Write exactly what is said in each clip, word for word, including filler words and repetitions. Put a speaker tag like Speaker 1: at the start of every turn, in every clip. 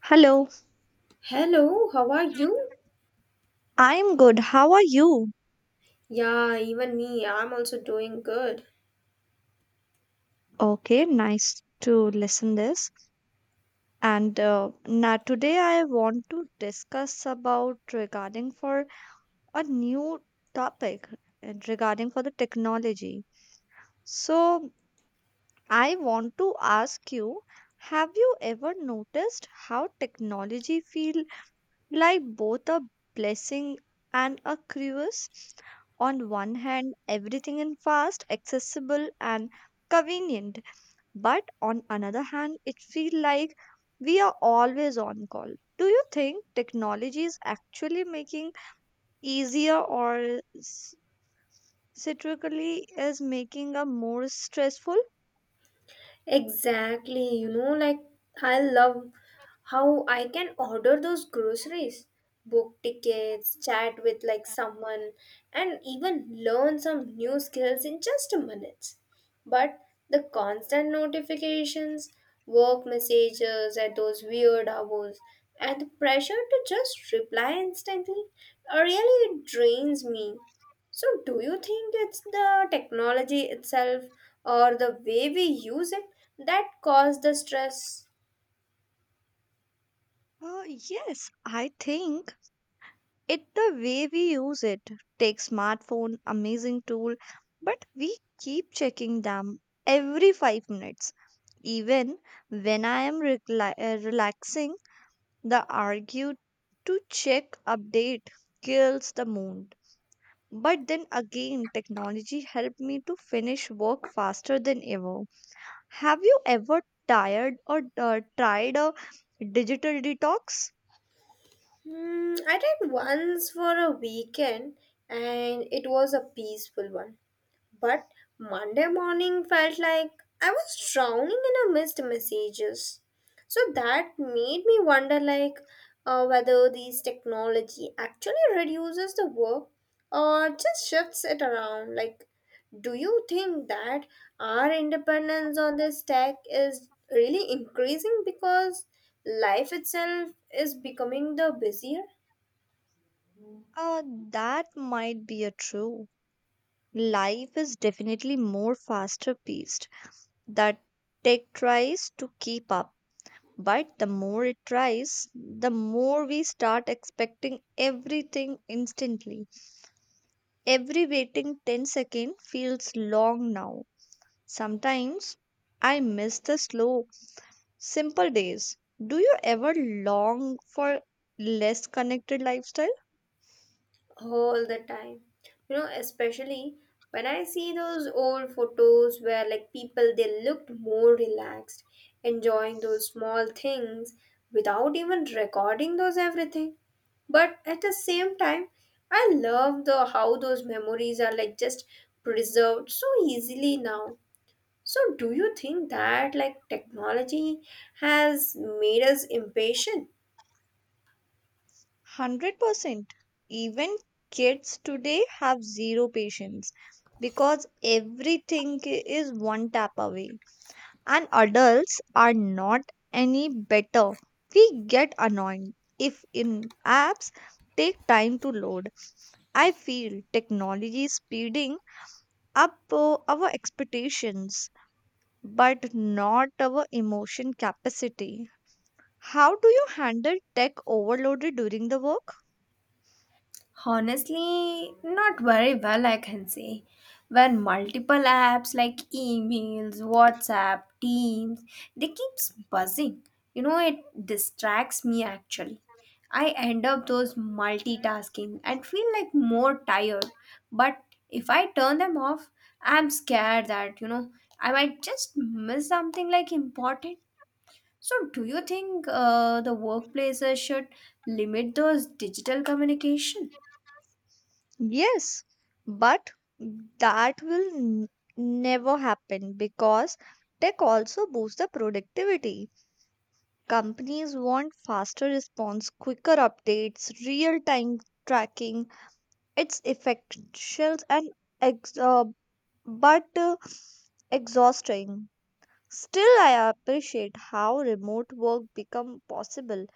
Speaker 1: Hello,
Speaker 2: Hello, how are you?
Speaker 1: I'm good. How are you?
Speaker 2: Yeah, even me, I'm also doing good.
Speaker 1: Okay, nice to listen this. And uh, now today I want to discuss about regarding for a new topic and regarding for the technology. So I want to ask you, have you ever noticed how technology feel like both a blessing and a curse? On one hand, everything is fast, accessible, and convenient. But on another hand, it feels like we are always on call. Do you think technology is actually making easier or s- satirically is making a more stressful?
Speaker 2: Exactly, you know, like I love how I can order those groceries, book tickets, chat with like someone, and even learn some new skills in just a minute. But the constant notifications, work messages at those weird hours, and the pressure to just reply instantly, uh, really it drains me. So, do you think it's the technology itself or the way we use it that caused the stress?
Speaker 1: Uh, yes, I think it the way we use it. Take smartphone, amazing tool, but we keep checking them every five minutes. Even when I am recli- uh, relaxing. The argue to check update kills the mood. But then again, technology helped me to finish work faster than ever. Have you ever tired or uh, tried a digital detox?
Speaker 2: Hmm, I did once for a weekend and it was a peaceful one. But Monday morning felt like I was drowning in a missed messages. So that made me wonder like uh, whether this technology actually reduces the work or just shifts it around. Like, do you think that our independence on this tech is really increasing because life itself is becoming the busier?
Speaker 1: Uh, that might be a true. Life is definitely more faster paced. That tech tries to keep up, but the more it tries, the more we start expecting everything instantly. Every waiting ten second feels long now. Sometimes I miss the slow, simple days. Do you ever long for less connected lifestyle?
Speaker 2: All the time, you know especially when I see those old photos where like people they looked more relaxed, enjoying those small things without even recording those everything. But at the same time, I love the how those memories are like just preserved so easily now. So do you think that like technology has made us impatient?
Speaker 1: one hundred percent. Even kids today have zero patience because everything is one tap away. And adults are not any better. We get annoyed if in apps take time to load. I feel technology is speeding up uh, our expectations, but not our emotion capacity. How do you handle tech overloaded during the work?
Speaker 2: Honestly, not very well, I can say. When multiple apps like emails, WhatsApp, Teams, they keeps buzzing. You know, it distracts me actually. I end up those multitasking and feel like more tired. But if I turn them off, I'm scared that, you know, I might just miss something like important. So, do you think uh, the workplaces should limit those digital communication?
Speaker 1: Yes, but that will n- never happen because tech also boosts the productivity. Companies want faster response, quicker updates, real time tracking. It's effectual and ex- uh, but uh, exhausting. Still, I appreciate how remote work become possible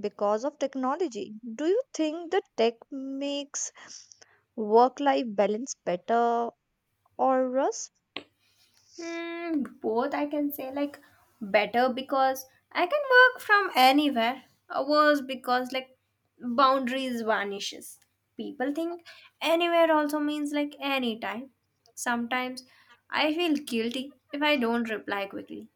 Speaker 1: because of technology. Do you think the tech makes work-life balance better or worse?
Speaker 2: Mm, both I can say. Like better because I can work from anywhere. Or worse because like boundaries vanishes. People think anywhere also means like anytime. Sometimes I feel guilty if I don't reply quickly.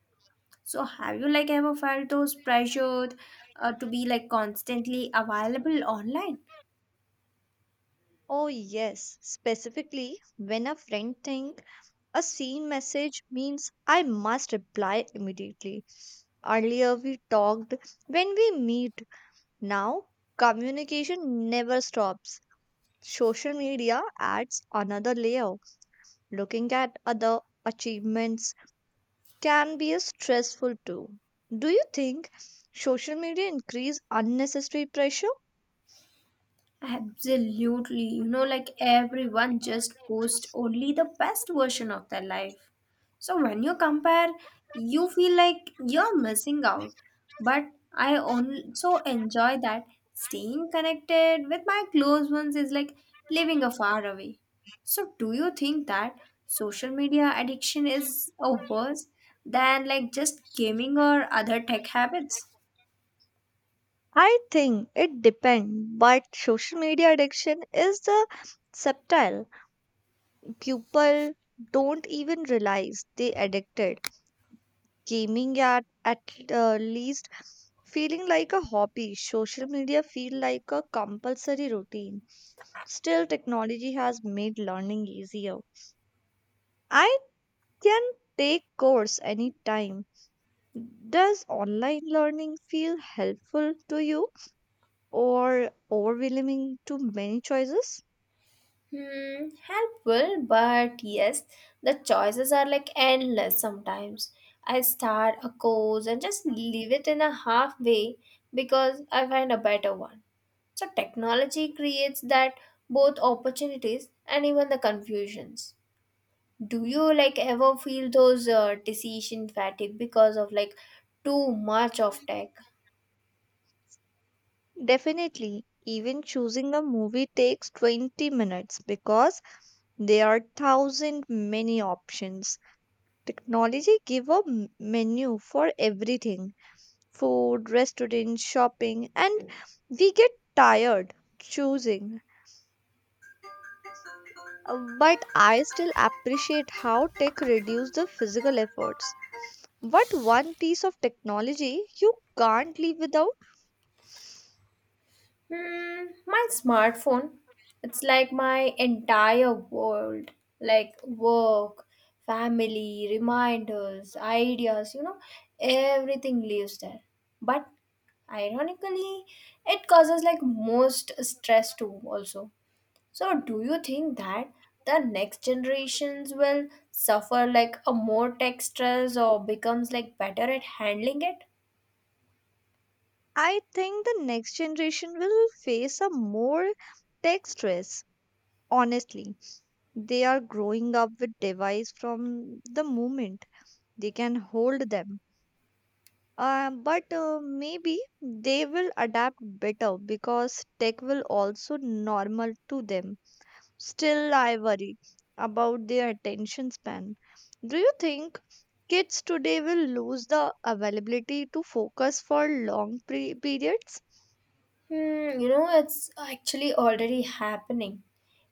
Speaker 2: So have you like ever felt those pressured uh, to be like constantly available online?
Speaker 1: Oh yes, specifically when a friend think a seen message means I must reply immediately. Earlier we talked when we meet. Now, communication never stops. Social media adds another layer. Looking at other achievements can be a stressful too. Do you think social media increase unnecessary pressure?
Speaker 2: Absolutely. You know, like everyone just posts only the best version of their life. So when you compare, you feel like you're missing out. But I also enjoy that staying connected with my close ones is like living a far away. So do you think that social media addiction is worse than like just gaming or other tech habits?
Speaker 1: I think it depends, but social media addiction is the subtle. People don't even realize they addicted. Gaming at at uh, least feeling like a hobby. Social media feel like a compulsory routine. Still, technology has made learning easier. I can take course anytime. Does online learning feel helpful to you or overwhelming to many choices?
Speaker 2: Hmm, helpful, but yes, the choices are like endless sometimes. I start a course and just leave it in a halfway because I find a better one. So technology creates that both opportunities and even the confusions. Do you like ever feel those uh, decision fatigue because of like too much of tech?
Speaker 1: Definitely. Even choosing a movie takes twenty minutes because there are thousand many options. Technology give a m- menu for everything, food, restaurant, shopping, and we get tired choosing. Uh, But I still appreciate how tech reduce the physical efforts. What one piece of technology you can't live without?
Speaker 2: Hmm, my smartphone. It's like my entire world. Like work, family, reminders, ideas, you know, everything lives there. But ironically, it causes like most stress too also. So do you think that the next generations will suffer like a more tech stress or becomes like better at handling it?
Speaker 1: I think the next generation will face a more tech stress. Honestly, they are growing up with device from the moment they can hold them. Um, but uh, maybe they will adapt better because tech will also normal to them. Still, I worry about their attention span. Do you think kids today will lose the availability to focus for long pre- periods?
Speaker 2: Hmm, you know, it's actually already happening.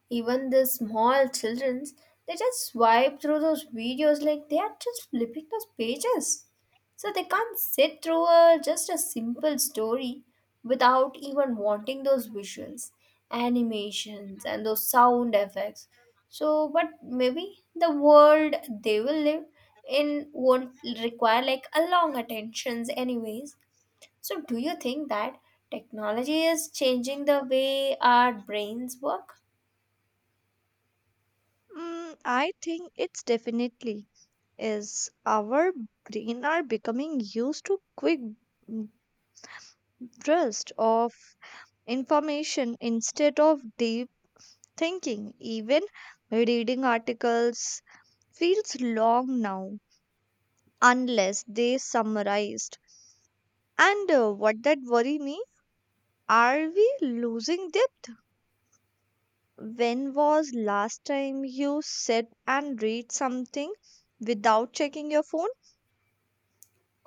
Speaker 2: Even the small childrens, they just swipe through those videos like they are just flipping those pages. So they can't sit through a, just a simple story without even wanting those visuals, animations, and those sound effects. So, but maybe the world they will live in won't require like a long attentions, anyways. So, do you think that technology is changing the way our brains work?
Speaker 1: Mm, I think it's definitely is our brain are becoming used to quick mm, burst of information instead of deep thinking. Even reading articles feels long now, unless they summarized. And uh, what that worry me? Are we losing depth? When was last time you sit and read something without checking your phone?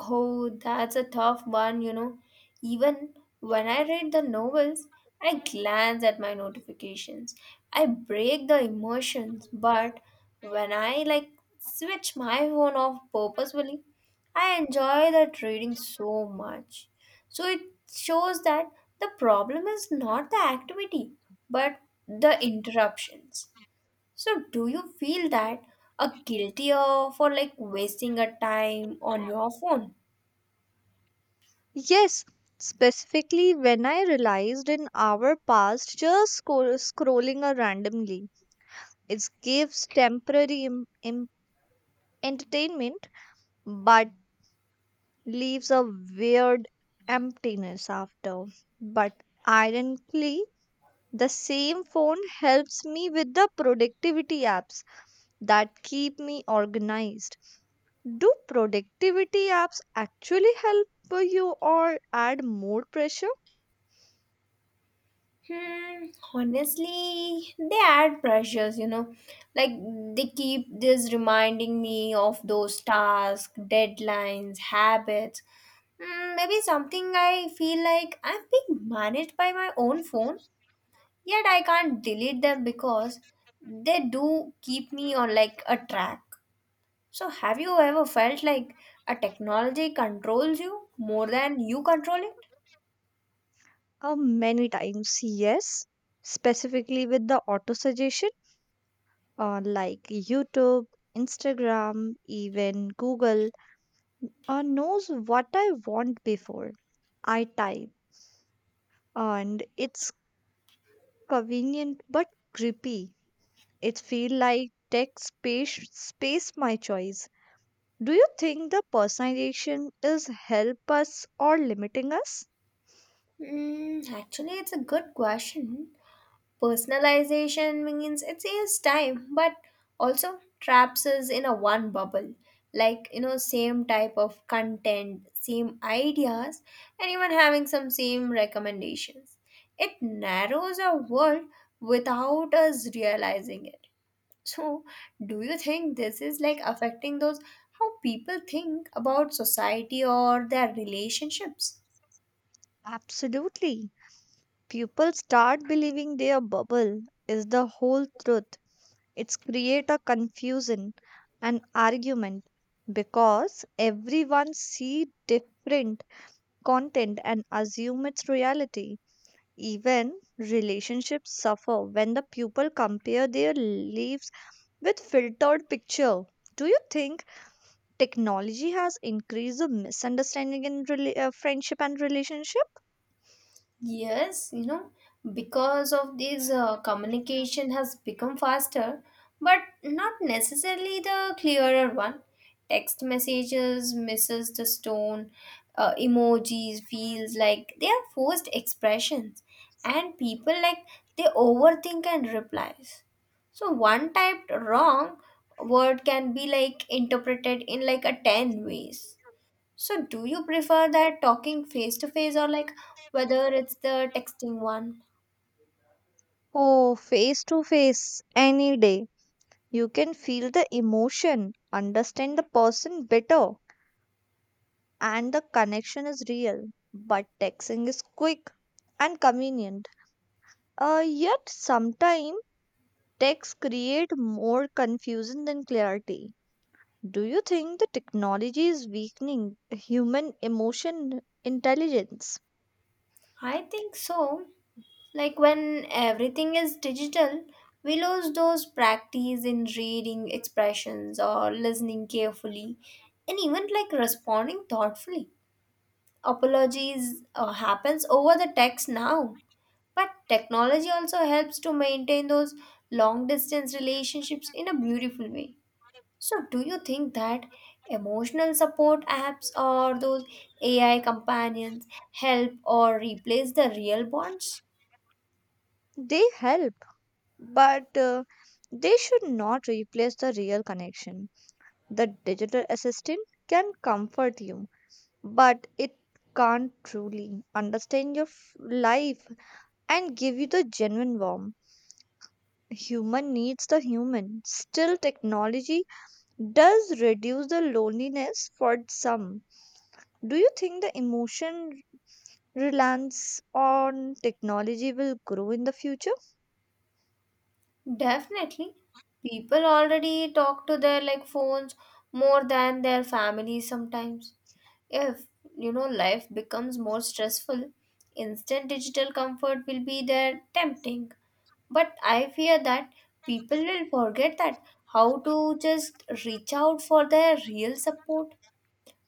Speaker 2: Oh, that's a tough one, you know. Even when I read the novels, I glance at my notifications. I break the emotions, but when I like switch my phone off purposefully, I enjoy that reading so much. So it shows that the problem is not the activity, but the interruptions. So do you feel that a guilty of for like wasting a time on your phone?
Speaker 1: Yes, specifically when I realized an hour passed just scroll- scrolling uh, randomly. It gives temporary im- im- entertainment but leaves a weird emptiness after. But ironically, the same phone helps me with the productivity apps that keep me organized. Do productivity apps actually help you or add more pressure?
Speaker 2: Hmm, honestly, they add pressures, you know. Like they keep this reminding me of those tasks, deadlines, habits. Hmm, maybe something I feel like I'm being managed by my own phone, yet I can't delete them because they do keep me on like a track. So, have you ever felt like a technology controls you more than you control it?
Speaker 1: Uh, many times, yes. Specifically with the auto suggestion, uh, like YouTube, Instagram, even Google. Uh, knows what I want before I type, and it's convenient but creepy. It feel like text space, space my choice. Do you think the personalization is help us or limiting us?
Speaker 2: Mm, actually, it's a good question. Personalization means it saves time but also traps us in a one bubble. Like, you know, same type of content, same ideas, and even having some same recommendations. It narrows our world without us realizing it. So, do you think this is like affecting those how people think about society or their relationships?
Speaker 1: Absolutely. People start believing their bubble is the whole truth. It's create a confusion, an argument because everyone see different content and assume it's reality. Even relationships suffer when the people compare their lives with filtered picture. Do you think technology has increased the misunderstanding in rela- uh, friendship and relationship?
Speaker 2: Yes, you know, because of this, uh, communication has become faster, but not necessarily the clearer one. Text messages misses the stone, uh, emojis feels like they are forced expressions, and people like they overthink and replies. So one typed wrong word can be like interpreted in like a ten ways. So, do you prefer that talking face to face or like whether it's the texting one?
Speaker 1: Oh, face to face, any day. You can feel the emotion, understand the person better, and the connection is real. But texting is quick and convenient. Uh, yet sometimes texts create more confusion than clarity. Do you think the technology is weakening human emotion intelligence?
Speaker 2: I think so. Like when everything is digital, we lose those practice in reading expressions or listening carefully and even like responding thoughtfully. Apologies uh, happens over the text now. But technology also helps to maintain those long distance relationships in a beautiful way. So, do you think that emotional support apps or those A I companions help or replace the real bonds?
Speaker 1: They help, but uh, they should not replace the real connection. The digital assistant can comfort you, but it can't truly understand your f- life and give you the genuine warmth. Human needs the human. Still, technology does reduce the loneliness for some. Do you think the emotion reliance on technology will grow in the future?
Speaker 2: Definitely. People already talk to their like phones more than their families sometimes. If you know life becomes more stressful, instant digital comfort will be there tempting. But I fear that people will forget that how to just reach out for their real support.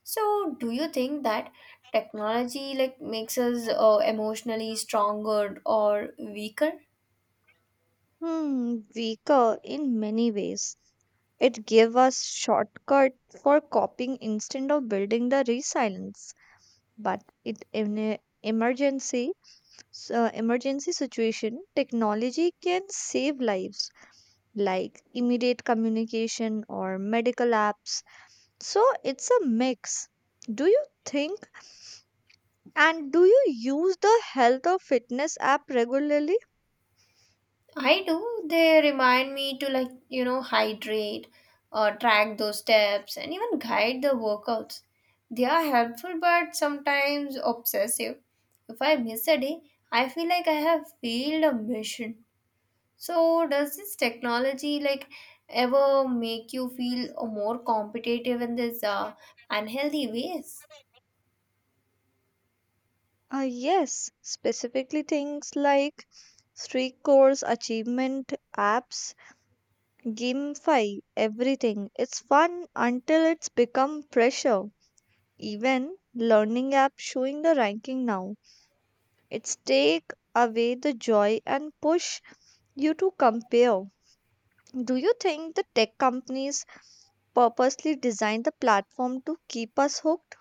Speaker 2: So, do you think that technology like makes us uh, emotionally stronger or weaker?
Speaker 1: Hmm, weaker in many ways. It gave us shortcut for coping instead of building the resilience, but it in a emergency s- uh, emergency situation, technology can save lives like immediate communication or medical apps. So it's a mix. Do you think and do you use the health or fitness app regularly?
Speaker 2: I do. They remind me to like you know hydrate, or track those steps, and even guide the workouts. They are helpful but sometimes obsessive. If I miss a day, I feel like I have failed a mission. So, does this technology like ever make you feel uh, more competitive in this uh, unhealthy ways?
Speaker 1: Uh, yes, specifically things like streak course, achievement apps, gamify everything. It's fun until it's become pressure. Even learning app showing the ranking now. It's take away the joy and push you to compare. Do you think the tech companies purposely design the platform to keep us hooked?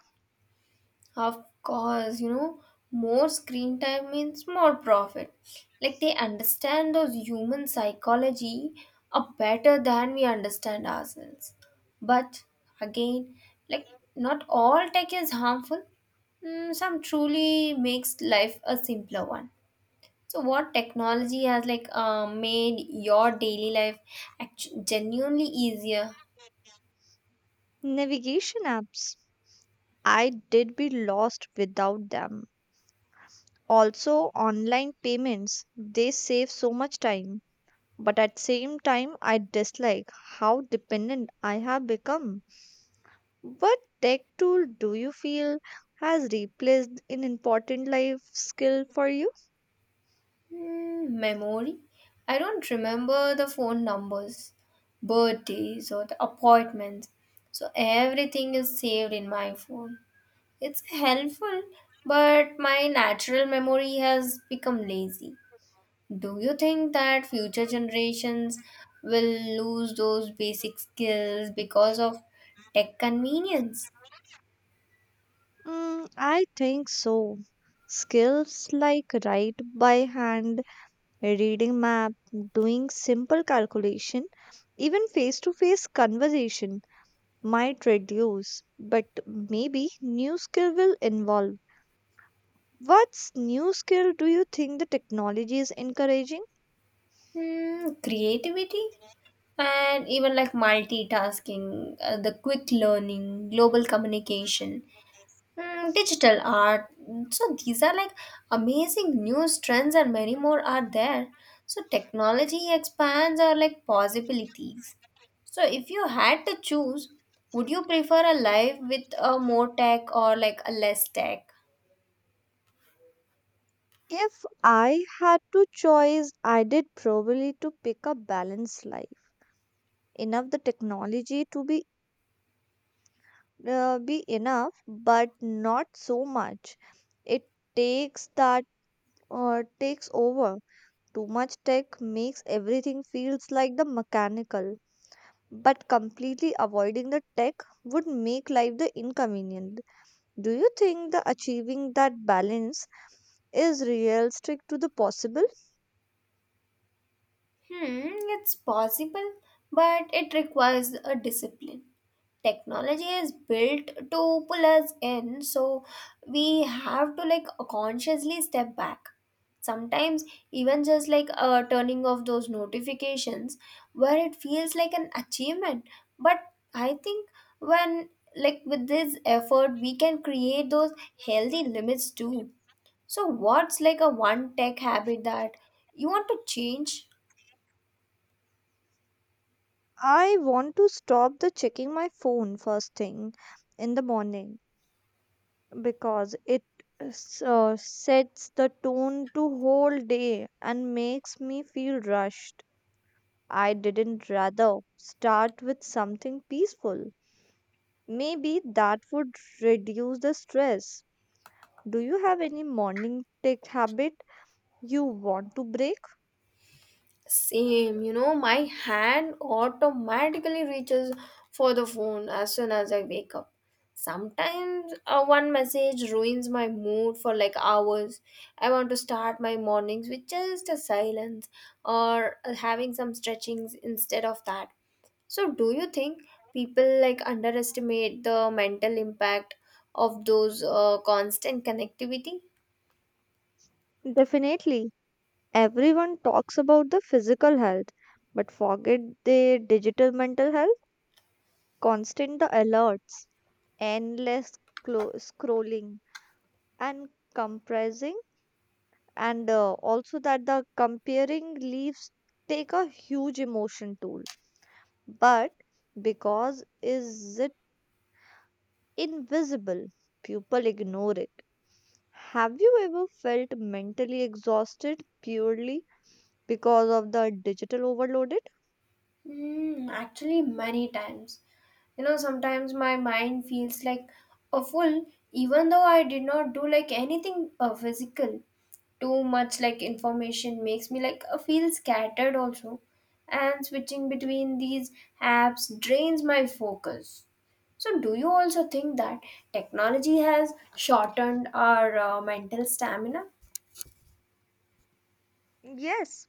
Speaker 2: Of course, you know, more screen time means more profit. Like they understand those human psychology are better than we understand ourselves. But again, like not all tech is harmful. Mm, some truly makes life a simpler one. So what technology has like uh, made your daily life actu- genuinely easier?
Speaker 1: Navigation apps. I did be lost without them. Also, online payments. They save so much time. But at same time, I dislike how dependent I have become. What tech tool do you feel has replaced an important life skill for you?
Speaker 2: Hmm, memory? I don't remember the phone numbers, birthdays, or the appointments. So everything is saved in my phone. It's helpful, but my natural memory has become lazy. Do you think that future generations will lose those basic skills because of tech convenience?
Speaker 1: Mm, I think so. Skills like write by hand, reading map, doing simple calculation, even face-to-face conversation might reduce, but maybe new skill will involve. What's new skill do you think the technology is encouraging?
Speaker 2: Hmm, creativity? And even like multitasking, uh, the quick learning, global communication, mm, digital art. So these are like amazing new trends, and many more are there. So technology expands our like possibilities. So if you had to choose, would you prefer a life with a more tech or like a less tech?
Speaker 1: If I had to choose, I did probably to pick a balanced life. Enough the technology to be uh, be enough but not so much it takes that uh, takes over. Too much tech makes everything feels like the mechanical, but completely avoiding the tech would make life the inconvenient. Do you think the achieving that balance is realistic to the possible?
Speaker 2: Hmm, it's possible, but it requires a discipline. Technology is built to pull us in, so we have to like consciously step back. Sometimes, even just like uh, turning off those notifications, where it feels like an achievement. But I think when like with this effort, we can create those healthy limits too. So, what's like a one tech habit that you want to change?
Speaker 1: I want to stop the checking my phone first thing in the morning because it s- uh, sets the tone to whole day and makes me feel rushed. I didn't rather start with something peaceful. Maybe that would reduce the stress. Do you have any morning tech habit you want to break?
Speaker 2: Same, you know, my hand automatically reaches for the phone as soon as I wake up. Sometimes uh, one message ruins my mood for like hours. I want to start my mornings with just a silence or uh, having some stretchings instead of that. So, do you think people like underestimate the mental impact of those uh, constant connectivity?
Speaker 1: Definitely. Everyone talks about the physical health but forget the digital mental health. Constant the alerts, endless clo- scrolling, and compressing, and uh, also that the comparing leaves take a huge emotion toll. But because is it invisible, people ignore it. Have you ever felt mentally exhausted purely because of the digital overloaded?
Speaker 2: Mm, actually, many times. You know, sometimes my mind feels like a fool, even though I did not do like anything uh, physical. Too much like information makes me like uh, feel scattered also, and switching between these apps drains my focus. So, do you also think that technology has shortened our uh, mental stamina?
Speaker 1: Yes,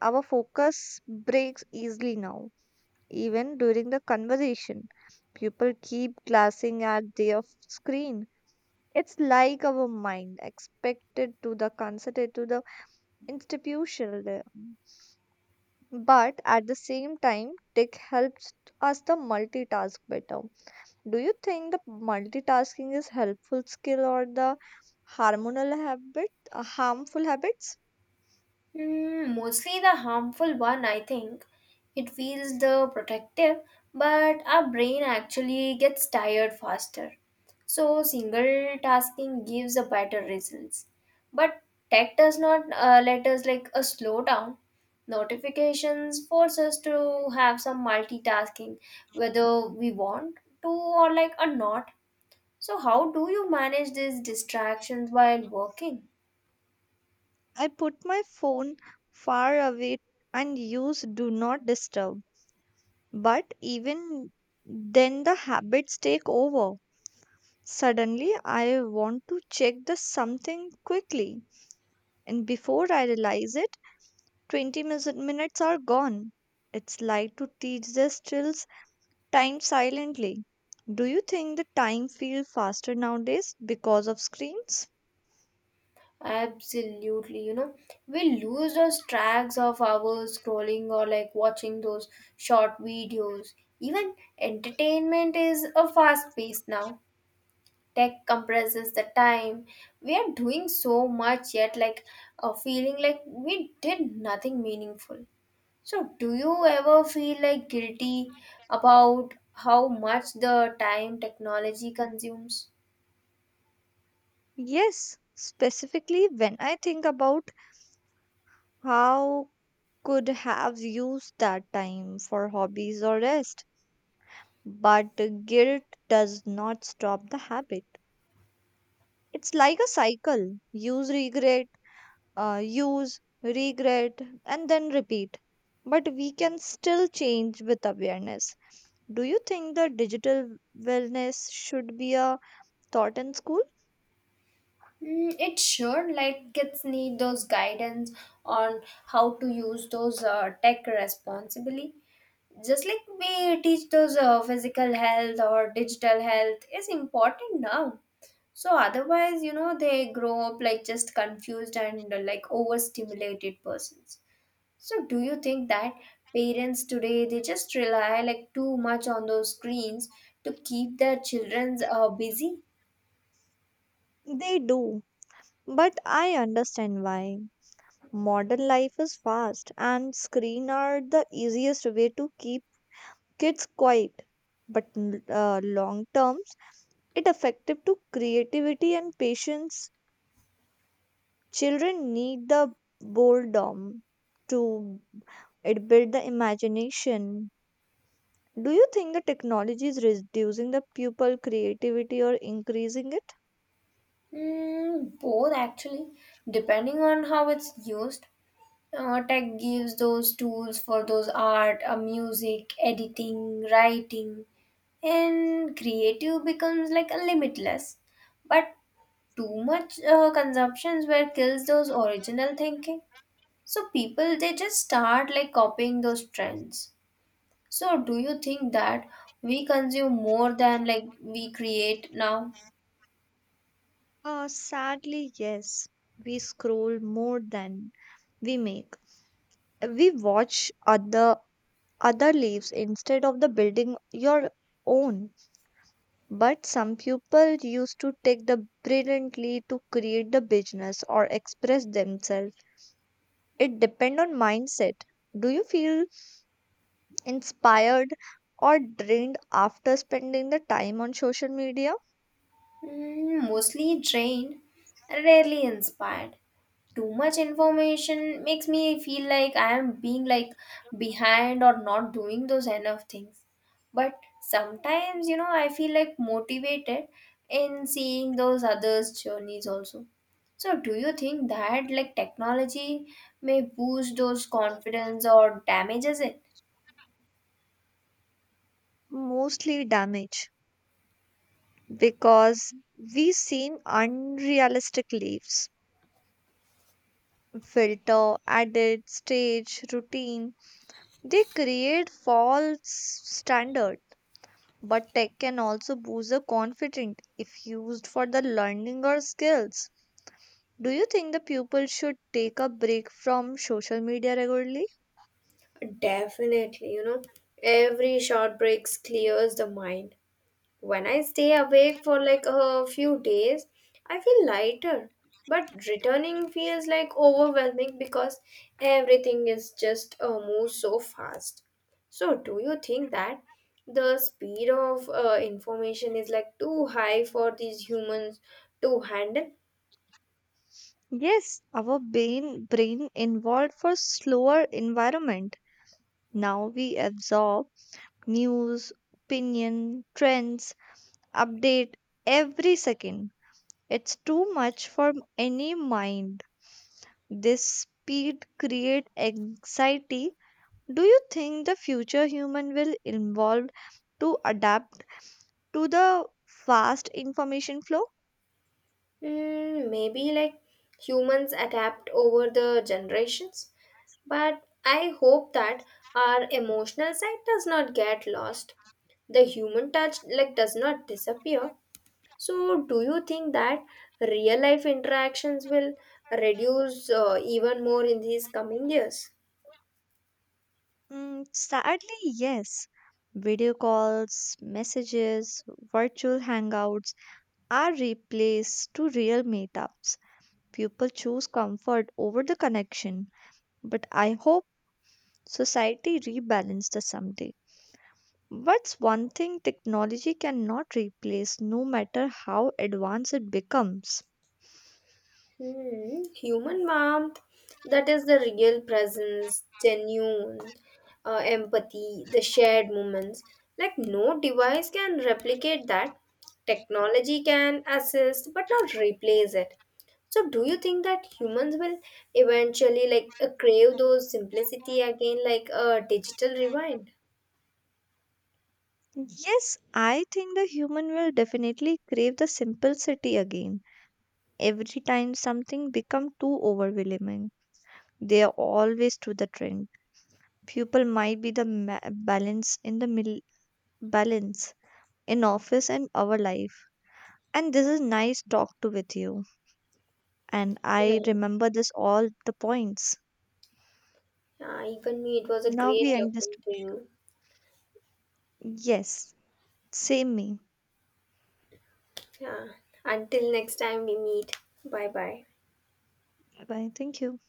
Speaker 1: our focus breaks easily now. Even during the conversation, people keep glancing at their f- screen. It's like our mind expected to the considered to the institutional there. But at the same time, tech helps us the multitask better. Do you think the multitasking is helpful skill or the hormonal habit, uh, harmful habits?
Speaker 2: Hmm, mostly the harmful one, I think. It feels the protective, but our brain actually gets tired faster. So single tasking gives a better results. But tech does not uh, let us like a slow down. Notifications force us to have some multitasking, whether we want to or like or not. So how do you manage these distractions while working?
Speaker 1: I put my phone far away and use do not disturb. But even then the habits take over. Suddenly, I want to check the something quickly, and before I realize it, twenty mis- minutes are gone. It's like to teach the stills time silently. Do you think the time feels faster nowadays because of screens?
Speaker 2: Absolutely, you know, we lose those tracks of hours scrolling or like watching those short videos. Even entertainment is a fast pace now. Tech compresses the time. We are doing so much yet, like uh, feeling like we did nothing meaningful. So, do you ever feel like guilty about how much the time technology consumes?
Speaker 1: Yes, specifically when I think about how could have used that time for hobbies or rest. But guilt does not stop the habit. It's like a cycle. Use regret, uh, use, regret, and then repeat. But we can still change with awareness. Do you think that digital wellness should be a taught in school?
Speaker 2: Mm, it should. Like kids need those guidance on how to use those uh, tech responsibly. Just like we teach those uh, physical health or digital health is important now. So otherwise, you know, they grow up like just confused and uh, like overstimulated persons. So do you think that parents today they just rely like too much on those screens to keep their children uh, busy?
Speaker 1: They do, but I understand why. Modern life is fast, and screen are the easiest way to keep kids quiet. But n- uh, long terms, it effective to creativity and patience. Children need the boredom to it build the imagination. Do you think the technology is reducing the pupil creativity or increasing it?
Speaker 2: Mm, both actually, depending on how it's used. Uh, tech gives those tools for those art, uh, music, editing, writing, and creative becomes like a limitless. But too much uh, consumptions where kills those original thinking. So people they just start like copying those trends. So do you think that we consume more than like we create now?
Speaker 1: Uh, sadly, yes. We scroll more than we make. We watch other other lives instead of the building your own. But some people used to take the brilliantly to create the business or express themselves. It depend on mindset. Do you feel inspired or drained after spending the time on social media?
Speaker 2: Mm, mostly drained, rarely inspired. Too much information makes me feel like I am being like behind or not doing those enough things. But sometimes, you know, I feel like motivated in seeing those others' journeys also. So, do you think that like technology may boost those confidence or damages it?
Speaker 1: Mostly damage because we seen unrealistic lives. Filter, added stage, routine. They create false standards. But tech can also boost the confidence if used for the learning or skills. Do you think the pupil should take a break from social media regularly?
Speaker 2: Definitely, you know, every short breaks clears the mind. When I stay awake for like a few days, I feel lighter. But returning feels like overwhelming because everything is just uh, moves so fast. So, do you think that the speed of uh, information is like too high for these humans to handle?
Speaker 1: Yes, our brain brain involved for slower environment. Now we absorb news, opinion, trends, update every second. It's too much for any mind. This speed create anxiety. Do you think the future human will evolve to adapt to the fast information flow?
Speaker 2: Mm, maybe like humans adapt over the generations, but I hope that our emotional side does not get lost. The human touch like does not disappear. So, do you think that real life interactions will reduce uh, even more in these coming years?
Speaker 1: Mm, sadly, yes. Video calls, messages, virtual hangouts are replaced to real meetups. People choose comfort over the connection, but I hope society rebalance this someday. What's one thing technology cannot replace no matter how advanced it becomes?
Speaker 2: Hmm, human warmth, that is the real presence, genuine uh, empathy, the shared moments. Like no device can replicate that. Technology can assist but not replace it. So do you think that humans will eventually like uh, crave those simplicity again like a digital rewind?
Speaker 1: Yes, I think the human will definitely crave the simplicity again. Every time something become too overwhelming, they are always to the trend. People might be the ma- balance in the middle balance in office and our life. And this is nice talk to with you. And
Speaker 2: Yeah.
Speaker 1: I remember this all the points.
Speaker 2: Yeah, even me, it was a
Speaker 1: Now
Speaker 2: great
Speaker 1: we
Speaker 2: talking
Speaker 1: understand.
Speaker 2: to you.
Speaker 1: Yes, same me.
Speaker 2: Yeah. Until next time we meet. Bye bye.
Speaker 1: Bye bye. Thank you.